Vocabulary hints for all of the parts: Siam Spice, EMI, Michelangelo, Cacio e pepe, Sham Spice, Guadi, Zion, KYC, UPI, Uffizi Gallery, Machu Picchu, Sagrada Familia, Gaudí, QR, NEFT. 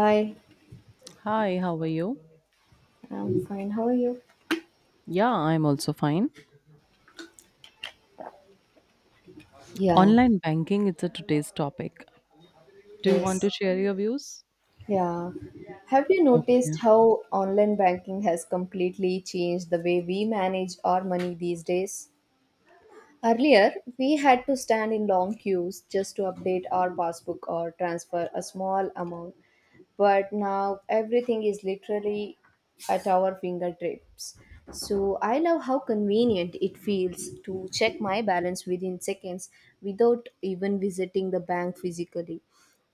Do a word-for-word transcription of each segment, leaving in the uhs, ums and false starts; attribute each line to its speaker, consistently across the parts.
Speaker 1: Hi,
Speaker 2: Hi, how are you?
Speaker 1: I'm fine. How are you?
Speaker 2: Yeah, I'm also fine.
Speaker 1: Yeah,
Speaker 2: Online banking is a today's topic. Do you want
Speaker 1: yes.
Speaker 2: to share your views?
Speaker 1: Yeah. Have you
Speaker 2: Okay.
Speaker 1: noticed how online banking has completely changed the way we manage our money these days? Earlier, we had to stand in long queues just to update our passbook or transfer a small amount, but now everything is literally at our fingertips. So I love how convenient it feels to check my balance within seconds without even visiting the bank physically.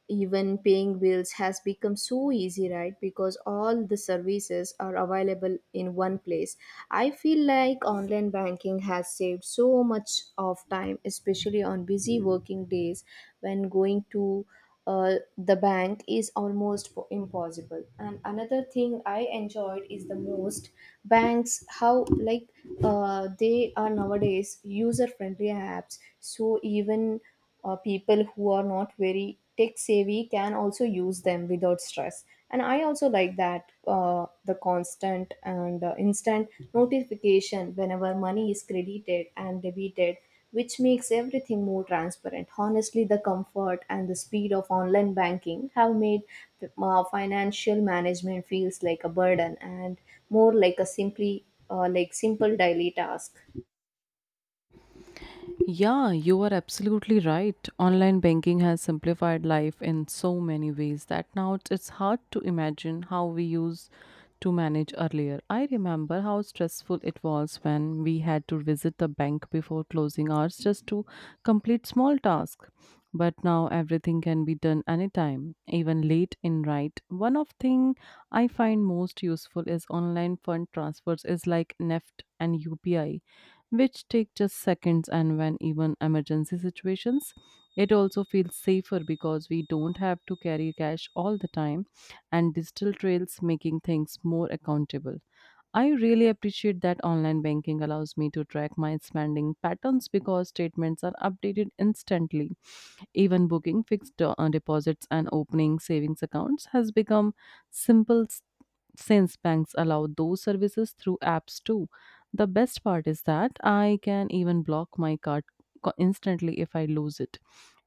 Speaker 1: Even paying bills has become so easy, right? Because all the services are available in one place. I feel like online banking has saved so much of time, especially on busy working days when going to uh, the bank is almost po- impossible. And another thing I enjoyed is the most banks how like uh, they are nowadays user friendly apps, so even uh, people who are not very tech savvy can also use them without stress. And I also like that uh, the constant and uh, instant notification whenever money is credited and debited, which makes everything more transparent. Honestly, the comfort and the speed of online banking have made uh, financial management feels like a burden and more like a simply uh, like simple daily task.
Speaker 2: Yeah, you are absolutely right. Online banking has simplified life in so many ways that now it's it's hard to imagine how we used to manage earlier. I remember how stressful it was when we had to visit the bank before closing hours just to complete small tasks. But now everything can be done anytime, even late in night. One of thing I find most useful is online fund transfers is like N E F T and U P I, which take just seconds and when even emergency situations. It also feels safer because we don't have to carry cash all the time, and digital trails making things more accountable. I really appreciate that online banking allows me to track my spending patterns because statements are updated instantly. Even booking fixed uh, deposits and opening savings accounts has become simple since banks allow those services through apps too. The best part is that I can even block my card co- instantly if I lose it.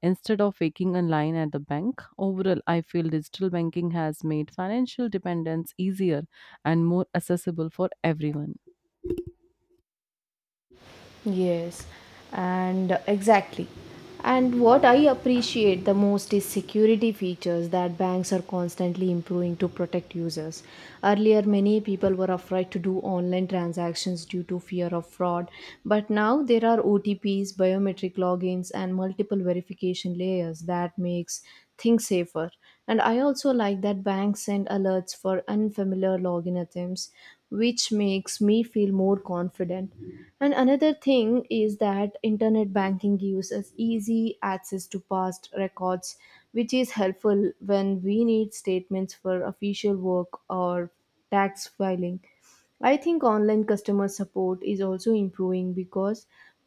Speaker 2: Instead of waiting in line at the bank, overall, I feel digital banking has made financial dependence easier and more accessible for everyone.
Speaker 1: Yes, and uh, exactly. And what I appreciate the most is security features that banks are constantly improving to protect users. Earlier, many people were afraid to do online transactions due to fear of fraud, but now there are O T Ps, biometric logins, and multiple verification layers that makes things safer. And I also like that banks send alerts for unfamiliar login attempts, which makes me feel more confident. And another thing is that internet banking gives us easy access to past records, which is helpful when we need statements for official work or tax filing. I think online customer support is also improving because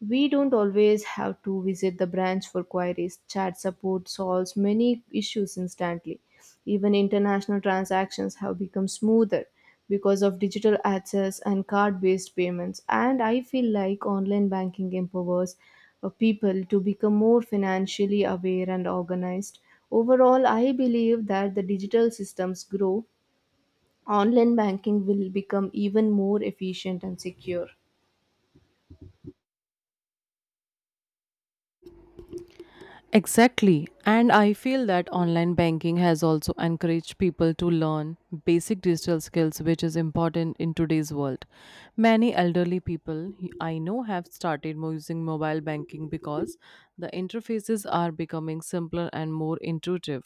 Speaker 1: we don't always have to visit the branch for queries. Chat support solves many issues instantly. Even international transactions have become smoother because of digital access and card based payments. And I feel like online banking empowers uh, people to become more financially aware and organized. Overall, I believe that the digital systems grow, online banking will become even more efficient and secure.
Speaker 2: Exactly. And I feel that online banking has also encouraged people to learn basic digital skills, which is important in today's world. Many elderly people I know have started mo- using mobile banking because the interfaces are becoming simpler and more intuitive.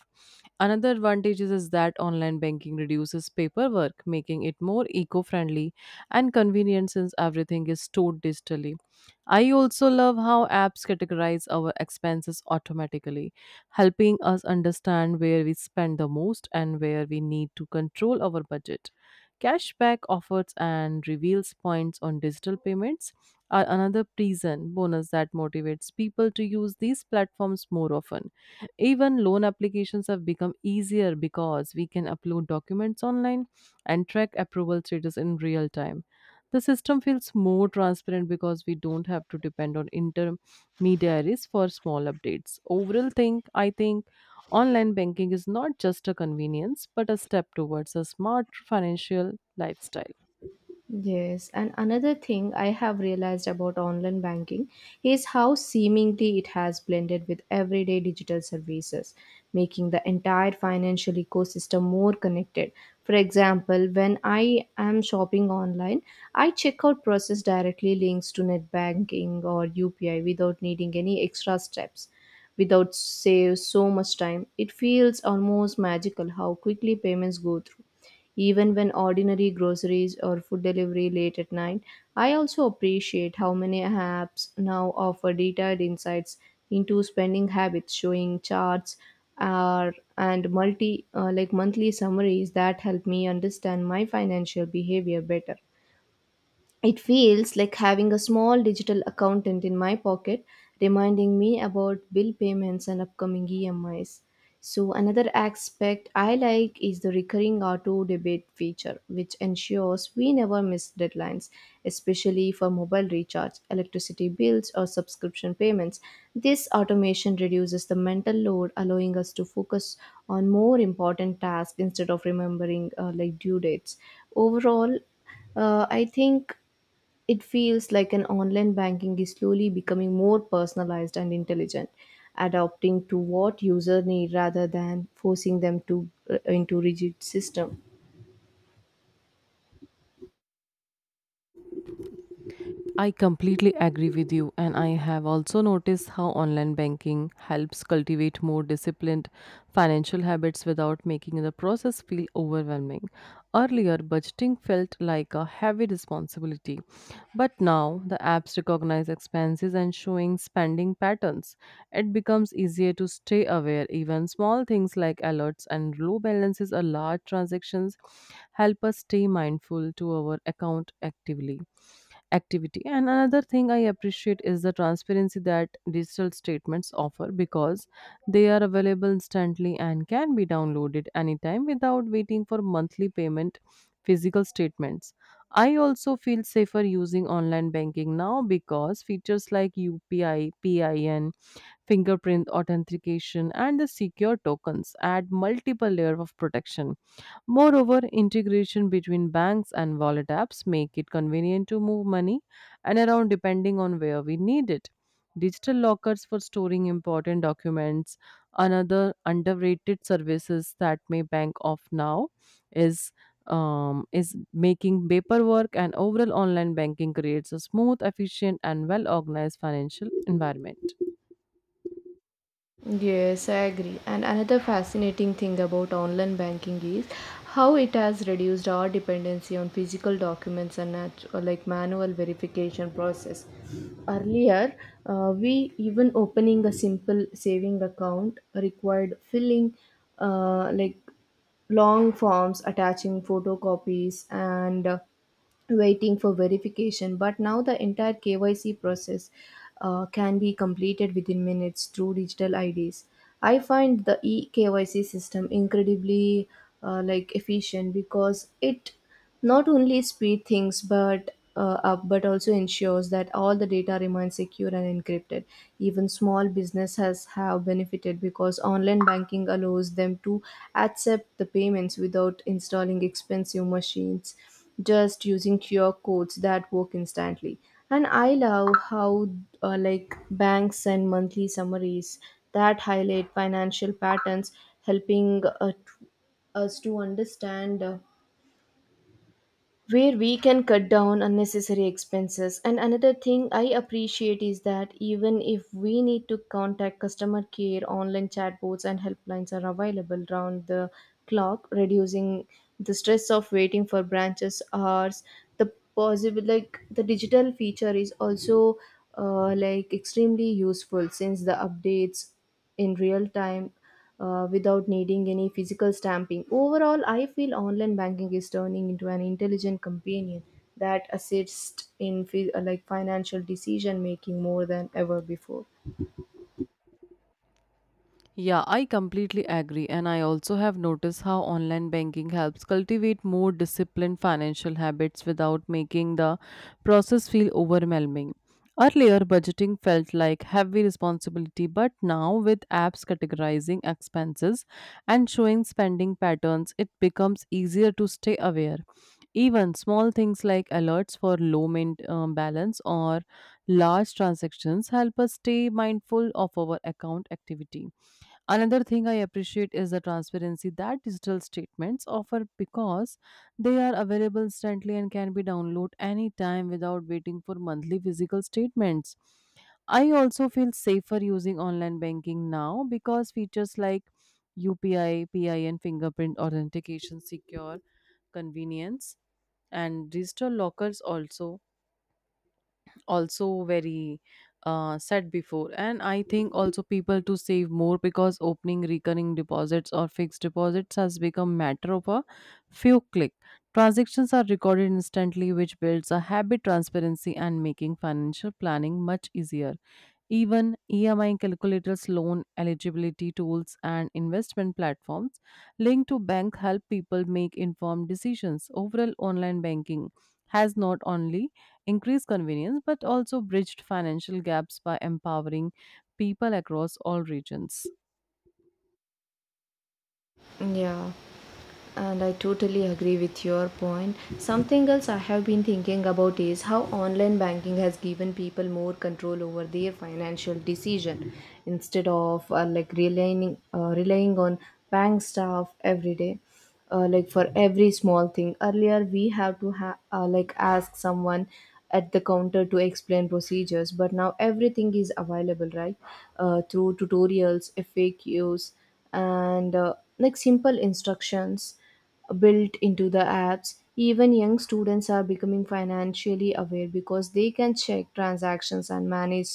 Speaker 2: Another advantage is is that online banking reduces paperwork, making it more eco friendly and convenient since everything is stored digitally. I also love how apps categorize our expenses automatically, helping us understand where we spend the most and where we need to control our budget. Cashback offers and reveals points on digital payments are another reason bonus that motivates people to use these platforms more often. Even loan applications have become easier because we can upload documents online and track approval status in real time. The system feels more transparent because we don't have to depend on intermediaries for small updates. Overall, think I think online banking is not just a convenience but a step towards a smart financial lifestyle.
Speaker 1: Yes, and another thing I have realized about online banking is how seemingly it has blended with everyday digital services, making the entire financial ecosystem more connected. For example, when I am shopping online, I checkout process directly links to net banking or U P I without needing any extra steps. Without save so much time, it feels almost magical how quickly payments go through. Even when ordinary groceries or food delivery late at night, I also appreciate how many apps now offer detailed insights into spending habits, showing charts uh, and multi uh, like monthly summaries that help me understand my financial behavior better. It feels like having a small digital accountant in my pocket, reminding me about bill payments and upcoming E M Is. So another aspect I like is the recurring auto debit feature, which ensures we never miss deadlines, especially for mobile recharge, electricity bills, or subscription payments. This automation reduces the mental load, allowing us to focus on more important tasks instead of remembering uh, like due dates. Overall, uh, I think it feels like an online banking is slowly becoming more personalized and intelligent, adapting to what user need rather than forcing them to uh, into rigid system.
Speaker 2: I completely agree with you, and I have also noticed how online banking helps cultivate more disciplined financial habits without making the process feel overwhelming. Earlier, budgeting felt like a heavy responsibility, but now the apps recognize expenses and showing spending patterns. It becomes easier to stay aware. Even small things like alerts and low balances or large transactions help us stay mindful to our account actively activity. And another thing I appreciate is the transparency that digital statements offer because they are available instantly and can be downloaded anytime without waiting for monthly payment physical statements. I also feel safer using online banking now because features like U P I, PIN, fingerprint authentication, and the secure tokens add multiple layer of protection. Moreover, integration between banks and wallet apps make it convenient to move money and around depending on where we need it. Digital lockers for storing important documents, another underrated services that may bank off now is, um, is making paperwork, and overall online banking creates a smooth, efficient, and well organized financial environment.
Speaker 1: Yes, I agree. And another fascinating thing about online banking is how it has reduced our dependency on physical documents and nat- or like manual verification process. Earlier, uh, we even opening a simple saving account required filling uh, like long forms, attaching photocopies, and uh, waiting for verification. But now the entire K Y C process uh, can be completed within minutes through digital I Ds. I find the eKYC system incredibly uh, like efficient, because it not only speed things but uh, up but also ensures that all the data remains secure and encrypted. Even small businesses have benefited because online banking allows them to accept the payments without installing expensive machines, just using Q R codes that work instantly. And I love how uh, like banks send monthly summaries that highlight financial patterns, helping uh, t- us to understand uh, where we can cut down unnecessary expenses. And another thing I appreciate is that even if we need to contact customer care, online chatbots and helplines are available round the clock, reducing the stress of waiting for branches hours. The possible like the digital feature is also uh, like extremely useful, since the updates in real time uh, without needing any physical stamping. Overall, I feel online banking is turning into an intelligent companion that assists in fi- uh, like financial decision making more than ever before.
Speaker 2: Yeah, I completely agree. And I also have noticed how online banking helps cultivate more disciplined financial habits without making the process feel overwhelming. Earlier, budgeting felt like heavy responsibility, but now with apps categorizing expenses and showing spending patterns, it becomes easier to stay aware. Even small things like alerts for low main, um, balance or large transactions help us stay mindful of our account activity. Another thing I appreciate is the transparency that digital statements offer because they are available instantly and can be downloaded anytime without waiting for monthly physical statements. I also feel safer using online banking now because features like U P I, P I, and fingerprint authentication secure convenience, and digital lockers also also very uh, said before. And I think also people to save more because opening recurring deposits or fixed deposits has become matter of a few click. Transactions are recorded instantly, which builds a habit transparency and making financial planning much easier. Even E M I calculators, loan eligibility tools, and investment platforms linked to bank help people make informed decisions. Overall, online banking has not only increased convenience but also bridged financial gaps by empowering people across all regions.
Speaker 1: Yeah, and I totally agree with your point. Something else I have been thinking about is how online banking has given people more control over their financial decision instead of uh, like relying uh, relying on bank staff every day. Uh, like for every small thing earlier we have to ha- uh, like ask someone at the counter to explain procedures, but now everything is available right uh, through tutorials, faqs, and uh, like simple instructions built into the apps. Even young students are becoming financially aware because they can check transactions and manage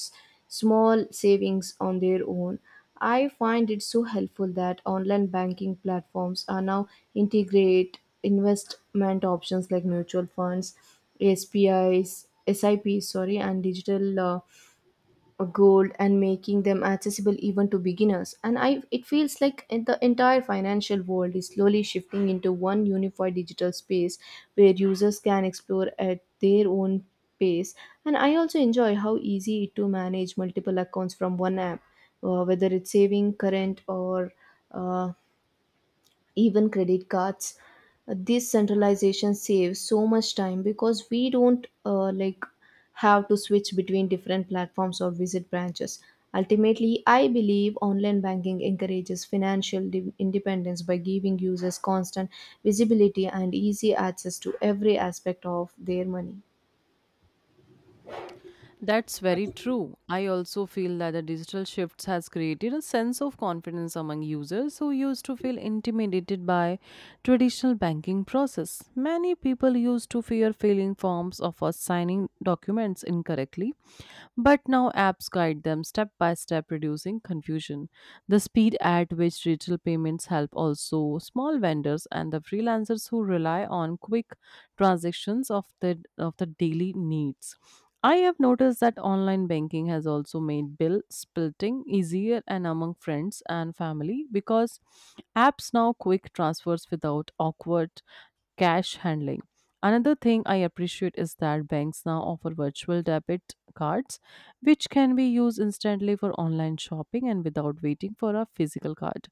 Speaker 1: small savings on their own. I find it so helpful that online banking platforms are now integrate investment options like mutual funds, spis sips, sorry, and digital uh, gold, and making them accessible even to beginners. And I, it feels like in the entire financial world is slowly shifting into one unified digital space where users can explore at their own pace. And I also enjoy how easy it to manage multiple accounts from one app, uh, whether it's saving current or uh, even credit cards. Uh, this centralization saves so much time because we don't uh, like have to switch between different platforms or visit branches. Ultimately, I believe online banking encourages financial di- independence by giving users constant visibility and easy access to every aspect of their money.
Speaker 2: That's very true. I also feel that the digital shifts has created a sense of confidence among users who used to feel intimidated by traditional banking process. Many people used to fear filling forms or for signing documents incorrectly, but now apps guide them step by step, reducing confusion. The speed at which digital payments help also small vendors and the freelancers who rely on quick transactions of the of the daily needs. I have noticed that online banking has also made bill splitting easier and among friends and family because apps now quick transfers without awkward cash handling. Another thing I appreciate is that banks now offer virtual debit cards, which can be used instantly for online shopping and without waiting for a physical card.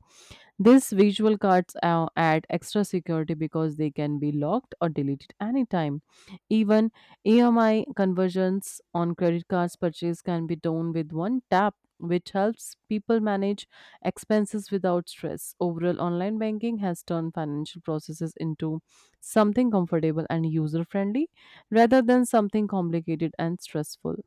Speaker 2: These visual cards uh, add extra security because they can be locked or deleted anytime. Even E M I conversions on credit cards purchase can be done with one tap, which helps people manage expenses without stress. Overall, online banking has turned financial processes into something comfortable and user friendly rather than something complicated and stressful.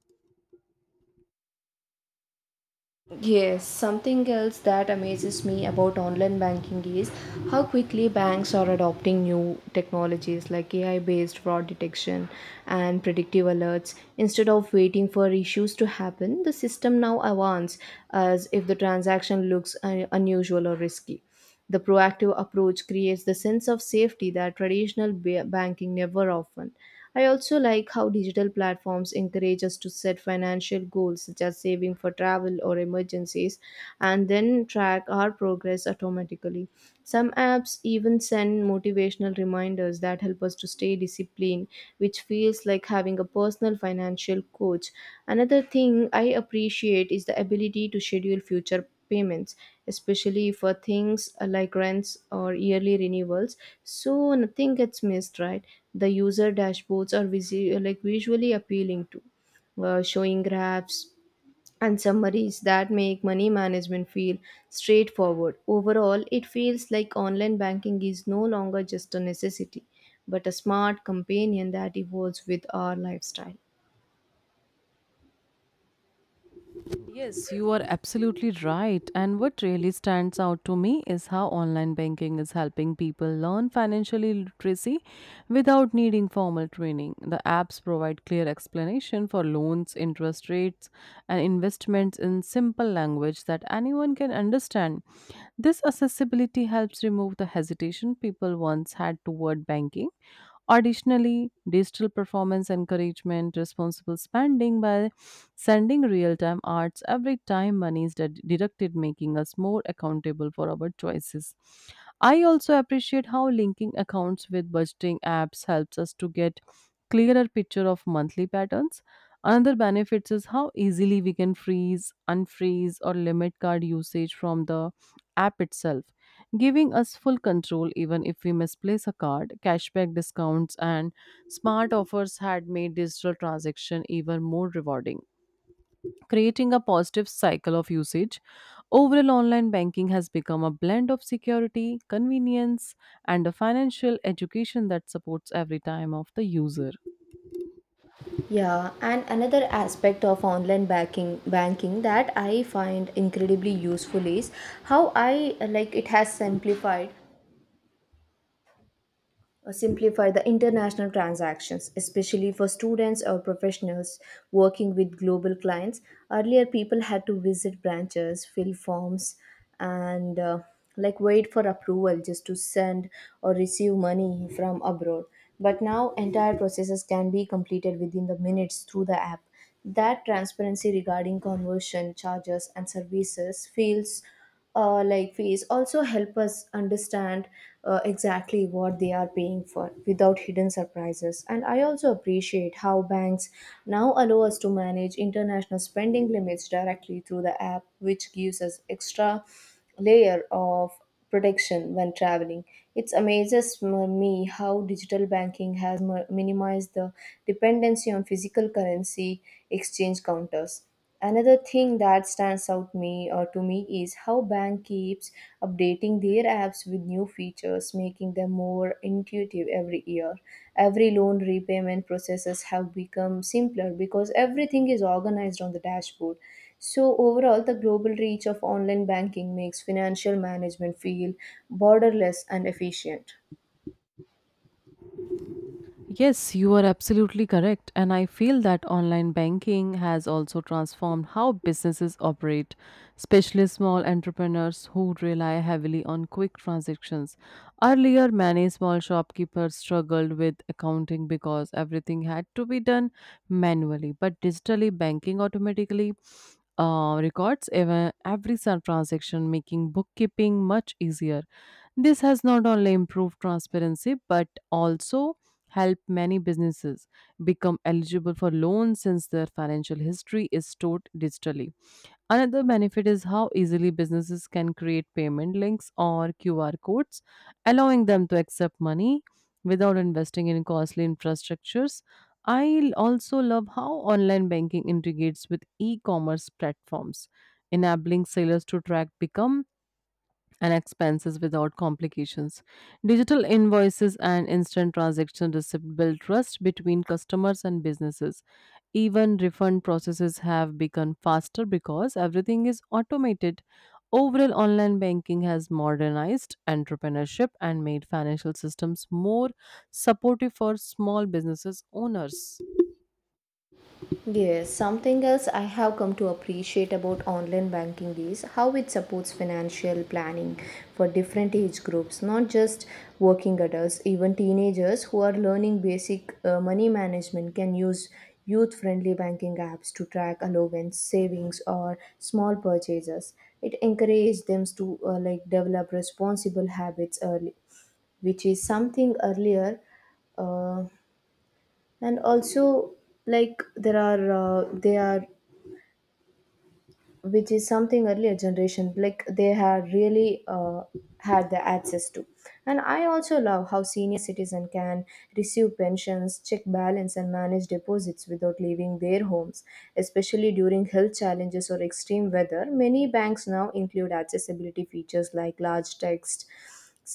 Speaker 1: Yes, something else that amazes me about online banking is how quickly banks are adopting new technologies like A I based fraud detection and predictive alerts. Instead of waiting for issues to happen, the system now awarns as if the transaction looks uh, unusual or risky. The proactive approach creates the sense of safety that traditional ba- banking never often. I also like how digital platforms encourage us to set financial goals such as saving for travel or emergencies, and then track our progress automatically. Some apps even send motivational reminders that help us to stay disciplined, which feels like having a personal financial coach. Another thing I appreciate is the ability to schedule future payments, especially for things uh, like rents or yearly renewals. So nothing gets missed, right? The user dashboards are visi- like visually appealing to, uh, showing graphs and summaries that make money management feel straightforward. Overall, it feels like online banking is no longer just a necessity, but a smart companion that evolves with our lifestyle.
Speaker 2: Yes, you are absolutely right. And what really stands out to me is how online banking is helping people learn financial literacy without needing formal training. The apps provide clear explanation for loans, interest rates, and investments in simple language that anyone can understand. This accessibility helps remove the hesitation people once had toward banking. Additionally, digital performance encouragement responsible spending by sending real time arts every time money is ded- deducted, making us more accountable for our choices. I also appreciate how linking accounts with budgeting apps helps us to get clearer picture of monthly patterns. Another benefit is how easily we can freeze, unfreeze, or limit card usage from the app itself, giving us full control even if we misplace a card. Cashback discounts and smart offers had made digital transaction even more rewarding, creating a positive cycle of usage. Overall, online banking has become a blend of security, convenience, and a financial education that supports every time of the user.
Speaker 1: Yeah, and another aspect of online banking banking that I find incredibly useful is how I uh, like it has simplified or simplify the international transactions, especially for students or professionals working with global clients. Earlier, people had to visit branches, fill forms, and uh, like wait for approval just to send or receive money from abroad. But now, entire processes can be completed within the minutes through the app. That transparency regarding conversion charges and services feels uh, like fees also help us understand uh, exactly what they are paying for without hidden surprises. And I also appreciate how banks now allow us to manage international spending limits directly through the app, which gives us extra layer of protection when traveling. It amazes m- me how digital banking has mi- minimized the dependency on physical currency exchange counters. Another thing that stands out me or to me is how bank keeps updating their apps with new features, making them more intuitive every year. Every loan repayment processes have become simpler because everything is organized on the dashboard. So overall, the global reach of online banking makes financial management feel borderless and efficient.
Speaker 2: Yes, you are absolutely correct. And I feel that online banking has also transformed how businesses operate, especially small entrepreneurs who rely heavily on quick transactions. Earlier, many small shopkeepers struggled with accounting because everything had to be done manually. But digitally, banking automatically uh, records ev- every sun transaction, making bookkeeping much easier. This has not only improved transparency but also helped many businesses become eligible for loans since their financial history is stored digitally. Another benefit is how easily businesses can create payment links or Q R codes, allowing them to accept money without investing in costly infrastructures. I also love how online banking integrates with e commerce platforms, enabling sellers to track become and expenses without complications. Digital invoices and instant transaction receipt build trust between customers and businesses. Even refund processes have become faster because everything is automated. Overall, online banking has modernized entrepreneurship and made financial systems more supportive for small businesses owners.
Speaker 1: Yes, something else I have come to appreciate about online banking is how it supports financial planning for different age groups, not just working adults. Even teenagers who are learning basic uh, money management can use youth friendly banking apps to track allowance, savings, or small purchases. It encourages them to uh, like develop responsible habits early, which is something earlier. Uh, and also like there are uh, they are which is something earlier generation, like they had really uh, had the access to. And I also love how senior citizen can receive pensions, check balance, and manage deposits without leaving their homes, especially during health challenges or extreme weather. Many banks now include accessibility features like large text,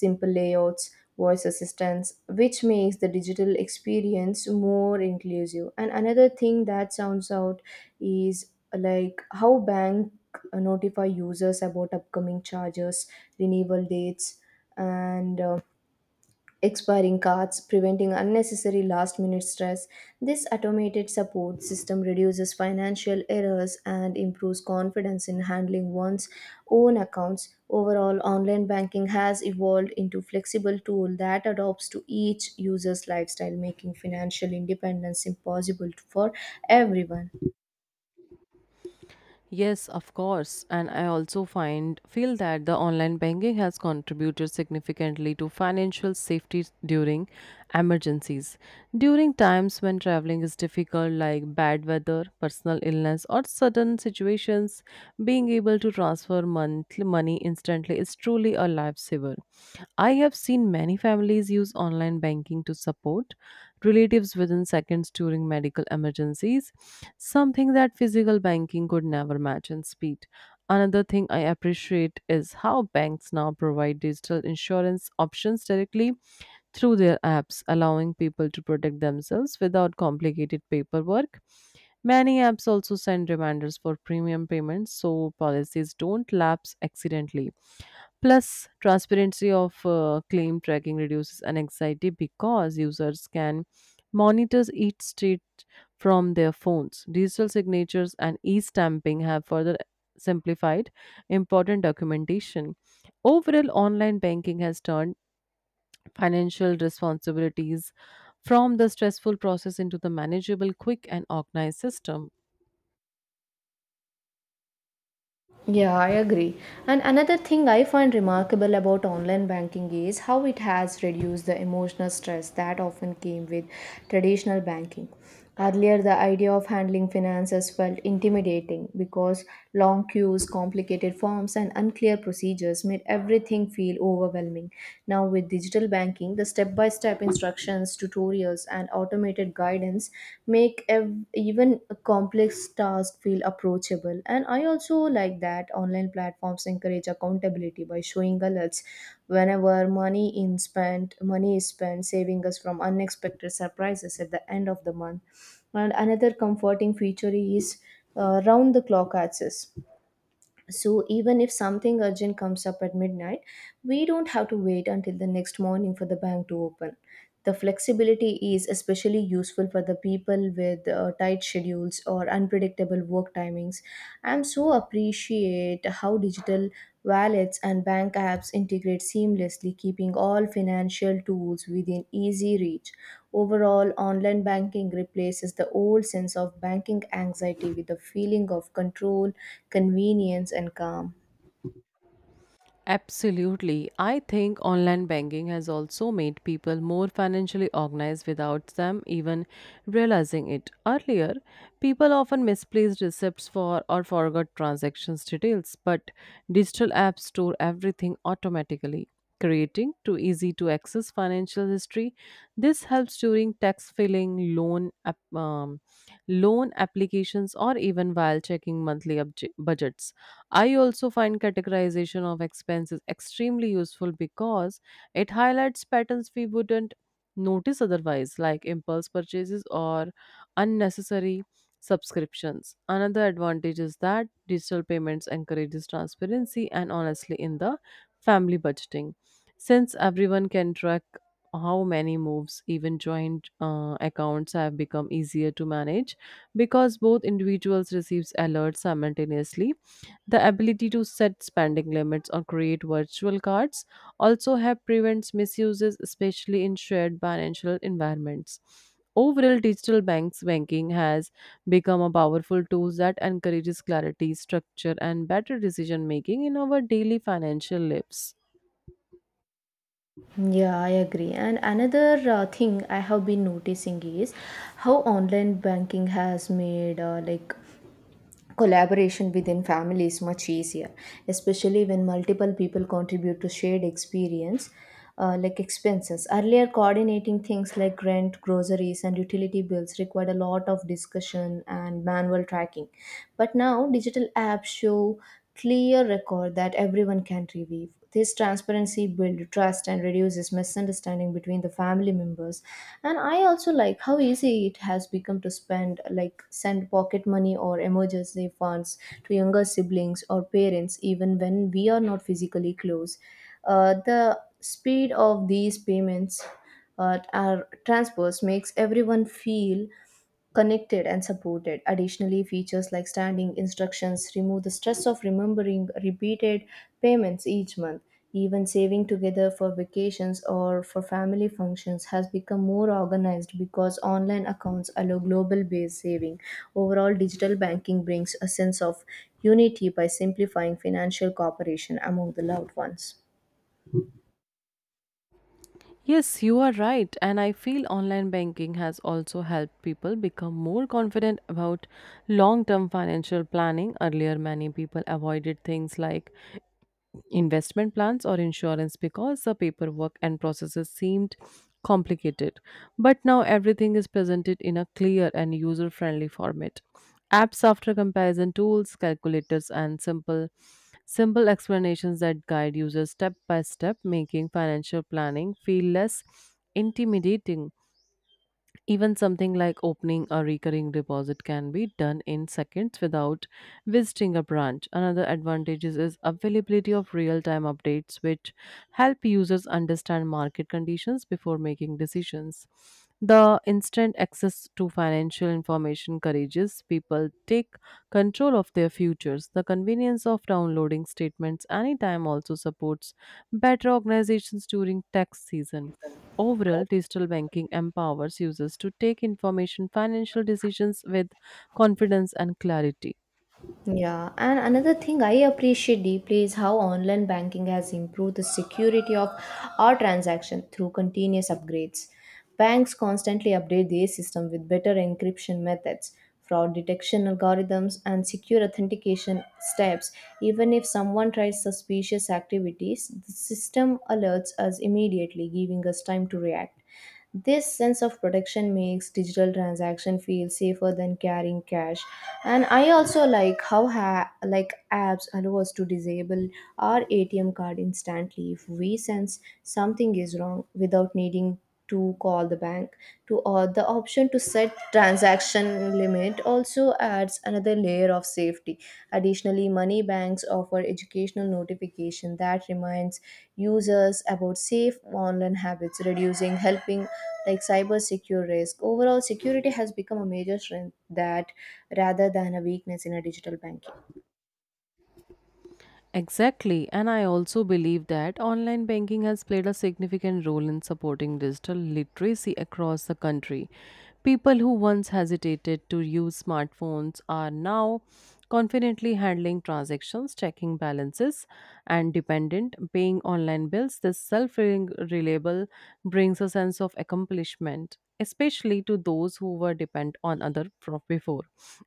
Speaker 1: simple layouts, voice assistance, which makes the digital experience more inclusive. And another thing that sounds out is like how bank notify users about upcoming charges, renewal dates, and uh, expiring cards, preventing unnecessary last minute stress. This automated support system reduces financial errors and improves confidence in handling one's own accounts. Overall, online banking has evolved into flexible tool that adapts to each user's lifestyle, making financial independence impossible for everyone.
Speaker 2: Yes, of course. And I also find feel that the online banking has contributed significantly to financial safety during emergencies. During times when traveling is difficult like bad weather, personal illness or sudden situations, being able to transfer monthly money instantly is truly a lifesaver. I have seen many families use online banking to support relatives within seconds during medical emergencies, something that physical banking could never match in speed. Another thing I appreciate is how banks now provide digital insurance options directly through their apps, allowing people to protect themselves without complicated paperwork. Many apps also send reminders for premium payments so policies don't lapse accidentally. Plus, transparency of uh, claim tracking reduces anxiety because users can monitor each street from their phones. Digital signatures and e stamping have further simplified important documentation. Overall, online banking has turned financial responsibilities from the stressful process into the manageable, quick, and organized system.
Speaker 1: Yeah, I agree. And another thing I find remarkable about online banking is how it has reduced the emotional stress that often came with traditional banking. Earlier, the idea of handling finances felt intimidating because long queues, complicated forms, and unclear procedures made everything feel overwhelming. Now, with digital banking, the step by step instructions instructions, tutorials, and automated guidance make ev- even a complex task feel approachable. And I also like that online platforms encourage accountability by showing alerts whenever money in spent money is spent, saving us from unexpected surprises at the end of the month. And another comforting feature is uh, round the clock access, so even if something urgent comes up at midnight, we don't have to wait until the next morning for the bank to open. The flexibility is especially useful for the people with uh, tight schedules or unpredictable work timings. I'm so appreciate how digital wallets and bank apps integrate seamlessly, keeping all financial tools within easy reach. Overall, online banking replaces the old sense of banking anxiety with a feeling of control, convenience, and calm.
Speaker 2: Absolutely. I think online banking has also made people more financially organized without them even realizing it. Earlier, people often misplaced receipts for or forgot transactions details, but digital apps store everything automatically, creating too easy to access financial history. This helps during tax filing, loan app- um, loan applications or even while checking monthly obje- budgets. I also find categorization of expenses extremely useful because it highlights patterns we wouldn't notice otherwise, like impulse purchases or unnecessary subscriptions. Another advantage is that digital payments encourages transparency and honestly in the family budgeting, since everyone can track how many moves even joint uh, accounts have become easier to manage because both individuals receives alerts simultaneously. The ability to set spending limits or create virtual cards also help prevents misuses, especially in shared financial environments. Overall, digital banks banking has become a powerful tool that encourages clarity, structure, and better decision making in our daily financial lives.
Speaker 1: Yeah, I agree. And another uh, thing I have been noticing is how online banking has made uh, like collaboration within family is much easier, especially when multiple people contribute to shared experience, uh, like expenses. Earlier, coordinating things like rent, groceries, and utility bills required a lot of discussion and manual tracking, but now digital apps show clear record that everyone can review. This transparency builds trust and reduces misunderstanding between the family members. And I also like how easy it has become to spend, like send pocket money or emergency funds to younger siblings or parents, even when we are not physically close. Uh, the speed of these payments, uh, are transfers, makes everyone feel connected and supported. Additionally, features like standing instructions remove the stress of remembering repeated payments each month. Even saving together for vacations or for family functions has become more organized because online accounts allow global based saving. Overall, digital banking brings a sense of unity by simplifying financial cooperation among the loved ones.
Speaker 2: Yes, you are right. And I feel online banking has also helped people become more confident about long term financial planning. Earlier, many people avoided things like investment plans or insurance because the paperwork and processes seemed complicated. But now everything is presented in a clear and user friendly format. Apps after comparison tools, calculators, and simple simple explanations that guide users step by step, making financial planning feel less intimidating. Even something like opening a recurring deposit can be done in seconds without visiting a branch. Another advantage is is availability of real-time updates which help users understand market conditions before making decisions. The instant access to financial information encourages people take control of their futures. The convenience of downloading statements anytime also supports better organizations during tax season. Overall, digital banking empowers users to take information financial decisions with confidence and clarity.
Speaker 1: Yeah, and another thing I appreciate deeply is how online banking has improved the security of our transaction through continuous upgrades. Banks constantly update their system with better encryption methods, fraud detection algorithms, and secure authentication steps. Even if someone tries suspicious activities, the system alerts us immediately, giving us time to react. This sense of protection makes digital transaction feel safer than carrying cash. And I also like how ha- like apps allow us to disable our A T M card instantly if we sense something is wrong without needing to call the bank to, or the option to set transaction uh, limit, also adds another layer of safety. Additionally, money banks offer educational notification that reminds users about safe online habits, reducing helping like cyber secure risk. Overall, security has become a major strength that rather than a weakness in a digital banking.
Speaker 2: Exactly, and I also believe that online banking has played a significant role in supporting digital literacy across the country. People who once hesitated to use smartphones are now confidently handling transactions, checking balances, and dependent paying online bills. This self-reliable brings a sense of accomplishment, especially to those who were dependent on other pro- before.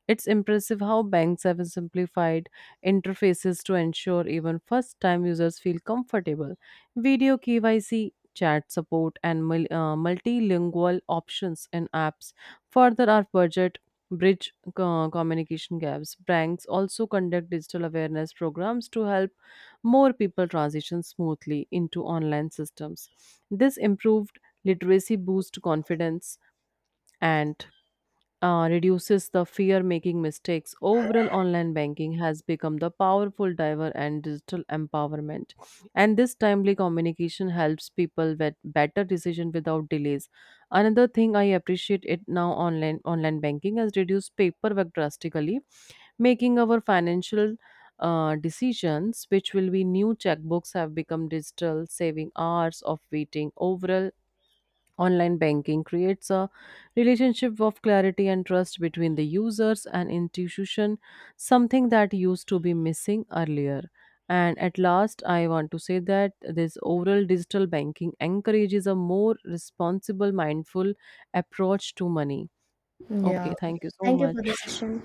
Speaker 2: It's impressive how banks have simplified interfaces to ensure even first time users feel comfortable, video K Y C, chat support, and mul- uh, multilingual options in apps further our budget bridge co- communication gaps. Banks also conduct digital awareness programs to help more people transition smoothly into online systems. This improved literacy boost confidence and uh, reduces the fear making mistakes. Overall, online banking has become the powerful driver and digital empowerment. And this timely communication helps people with better decision without delays. Another thing I appreciate it now online online banking has reduced paperwork drastically, making our financial uh, decisions, which will be new checkbooks, have become digital, saving hours of waiting. Overall, online banking creates a relationship of clarity and trust between the users and institution, something that used to be missing earlier. And at last, I want to say that this oral digital banking encourages a more responsible, mindful approach to money.
Speaker 1: Yeah.
Speaker 2: Okay, thank you so
Speaker 1: Thank you for the
Speaker 2: much.
Speaker 1: session.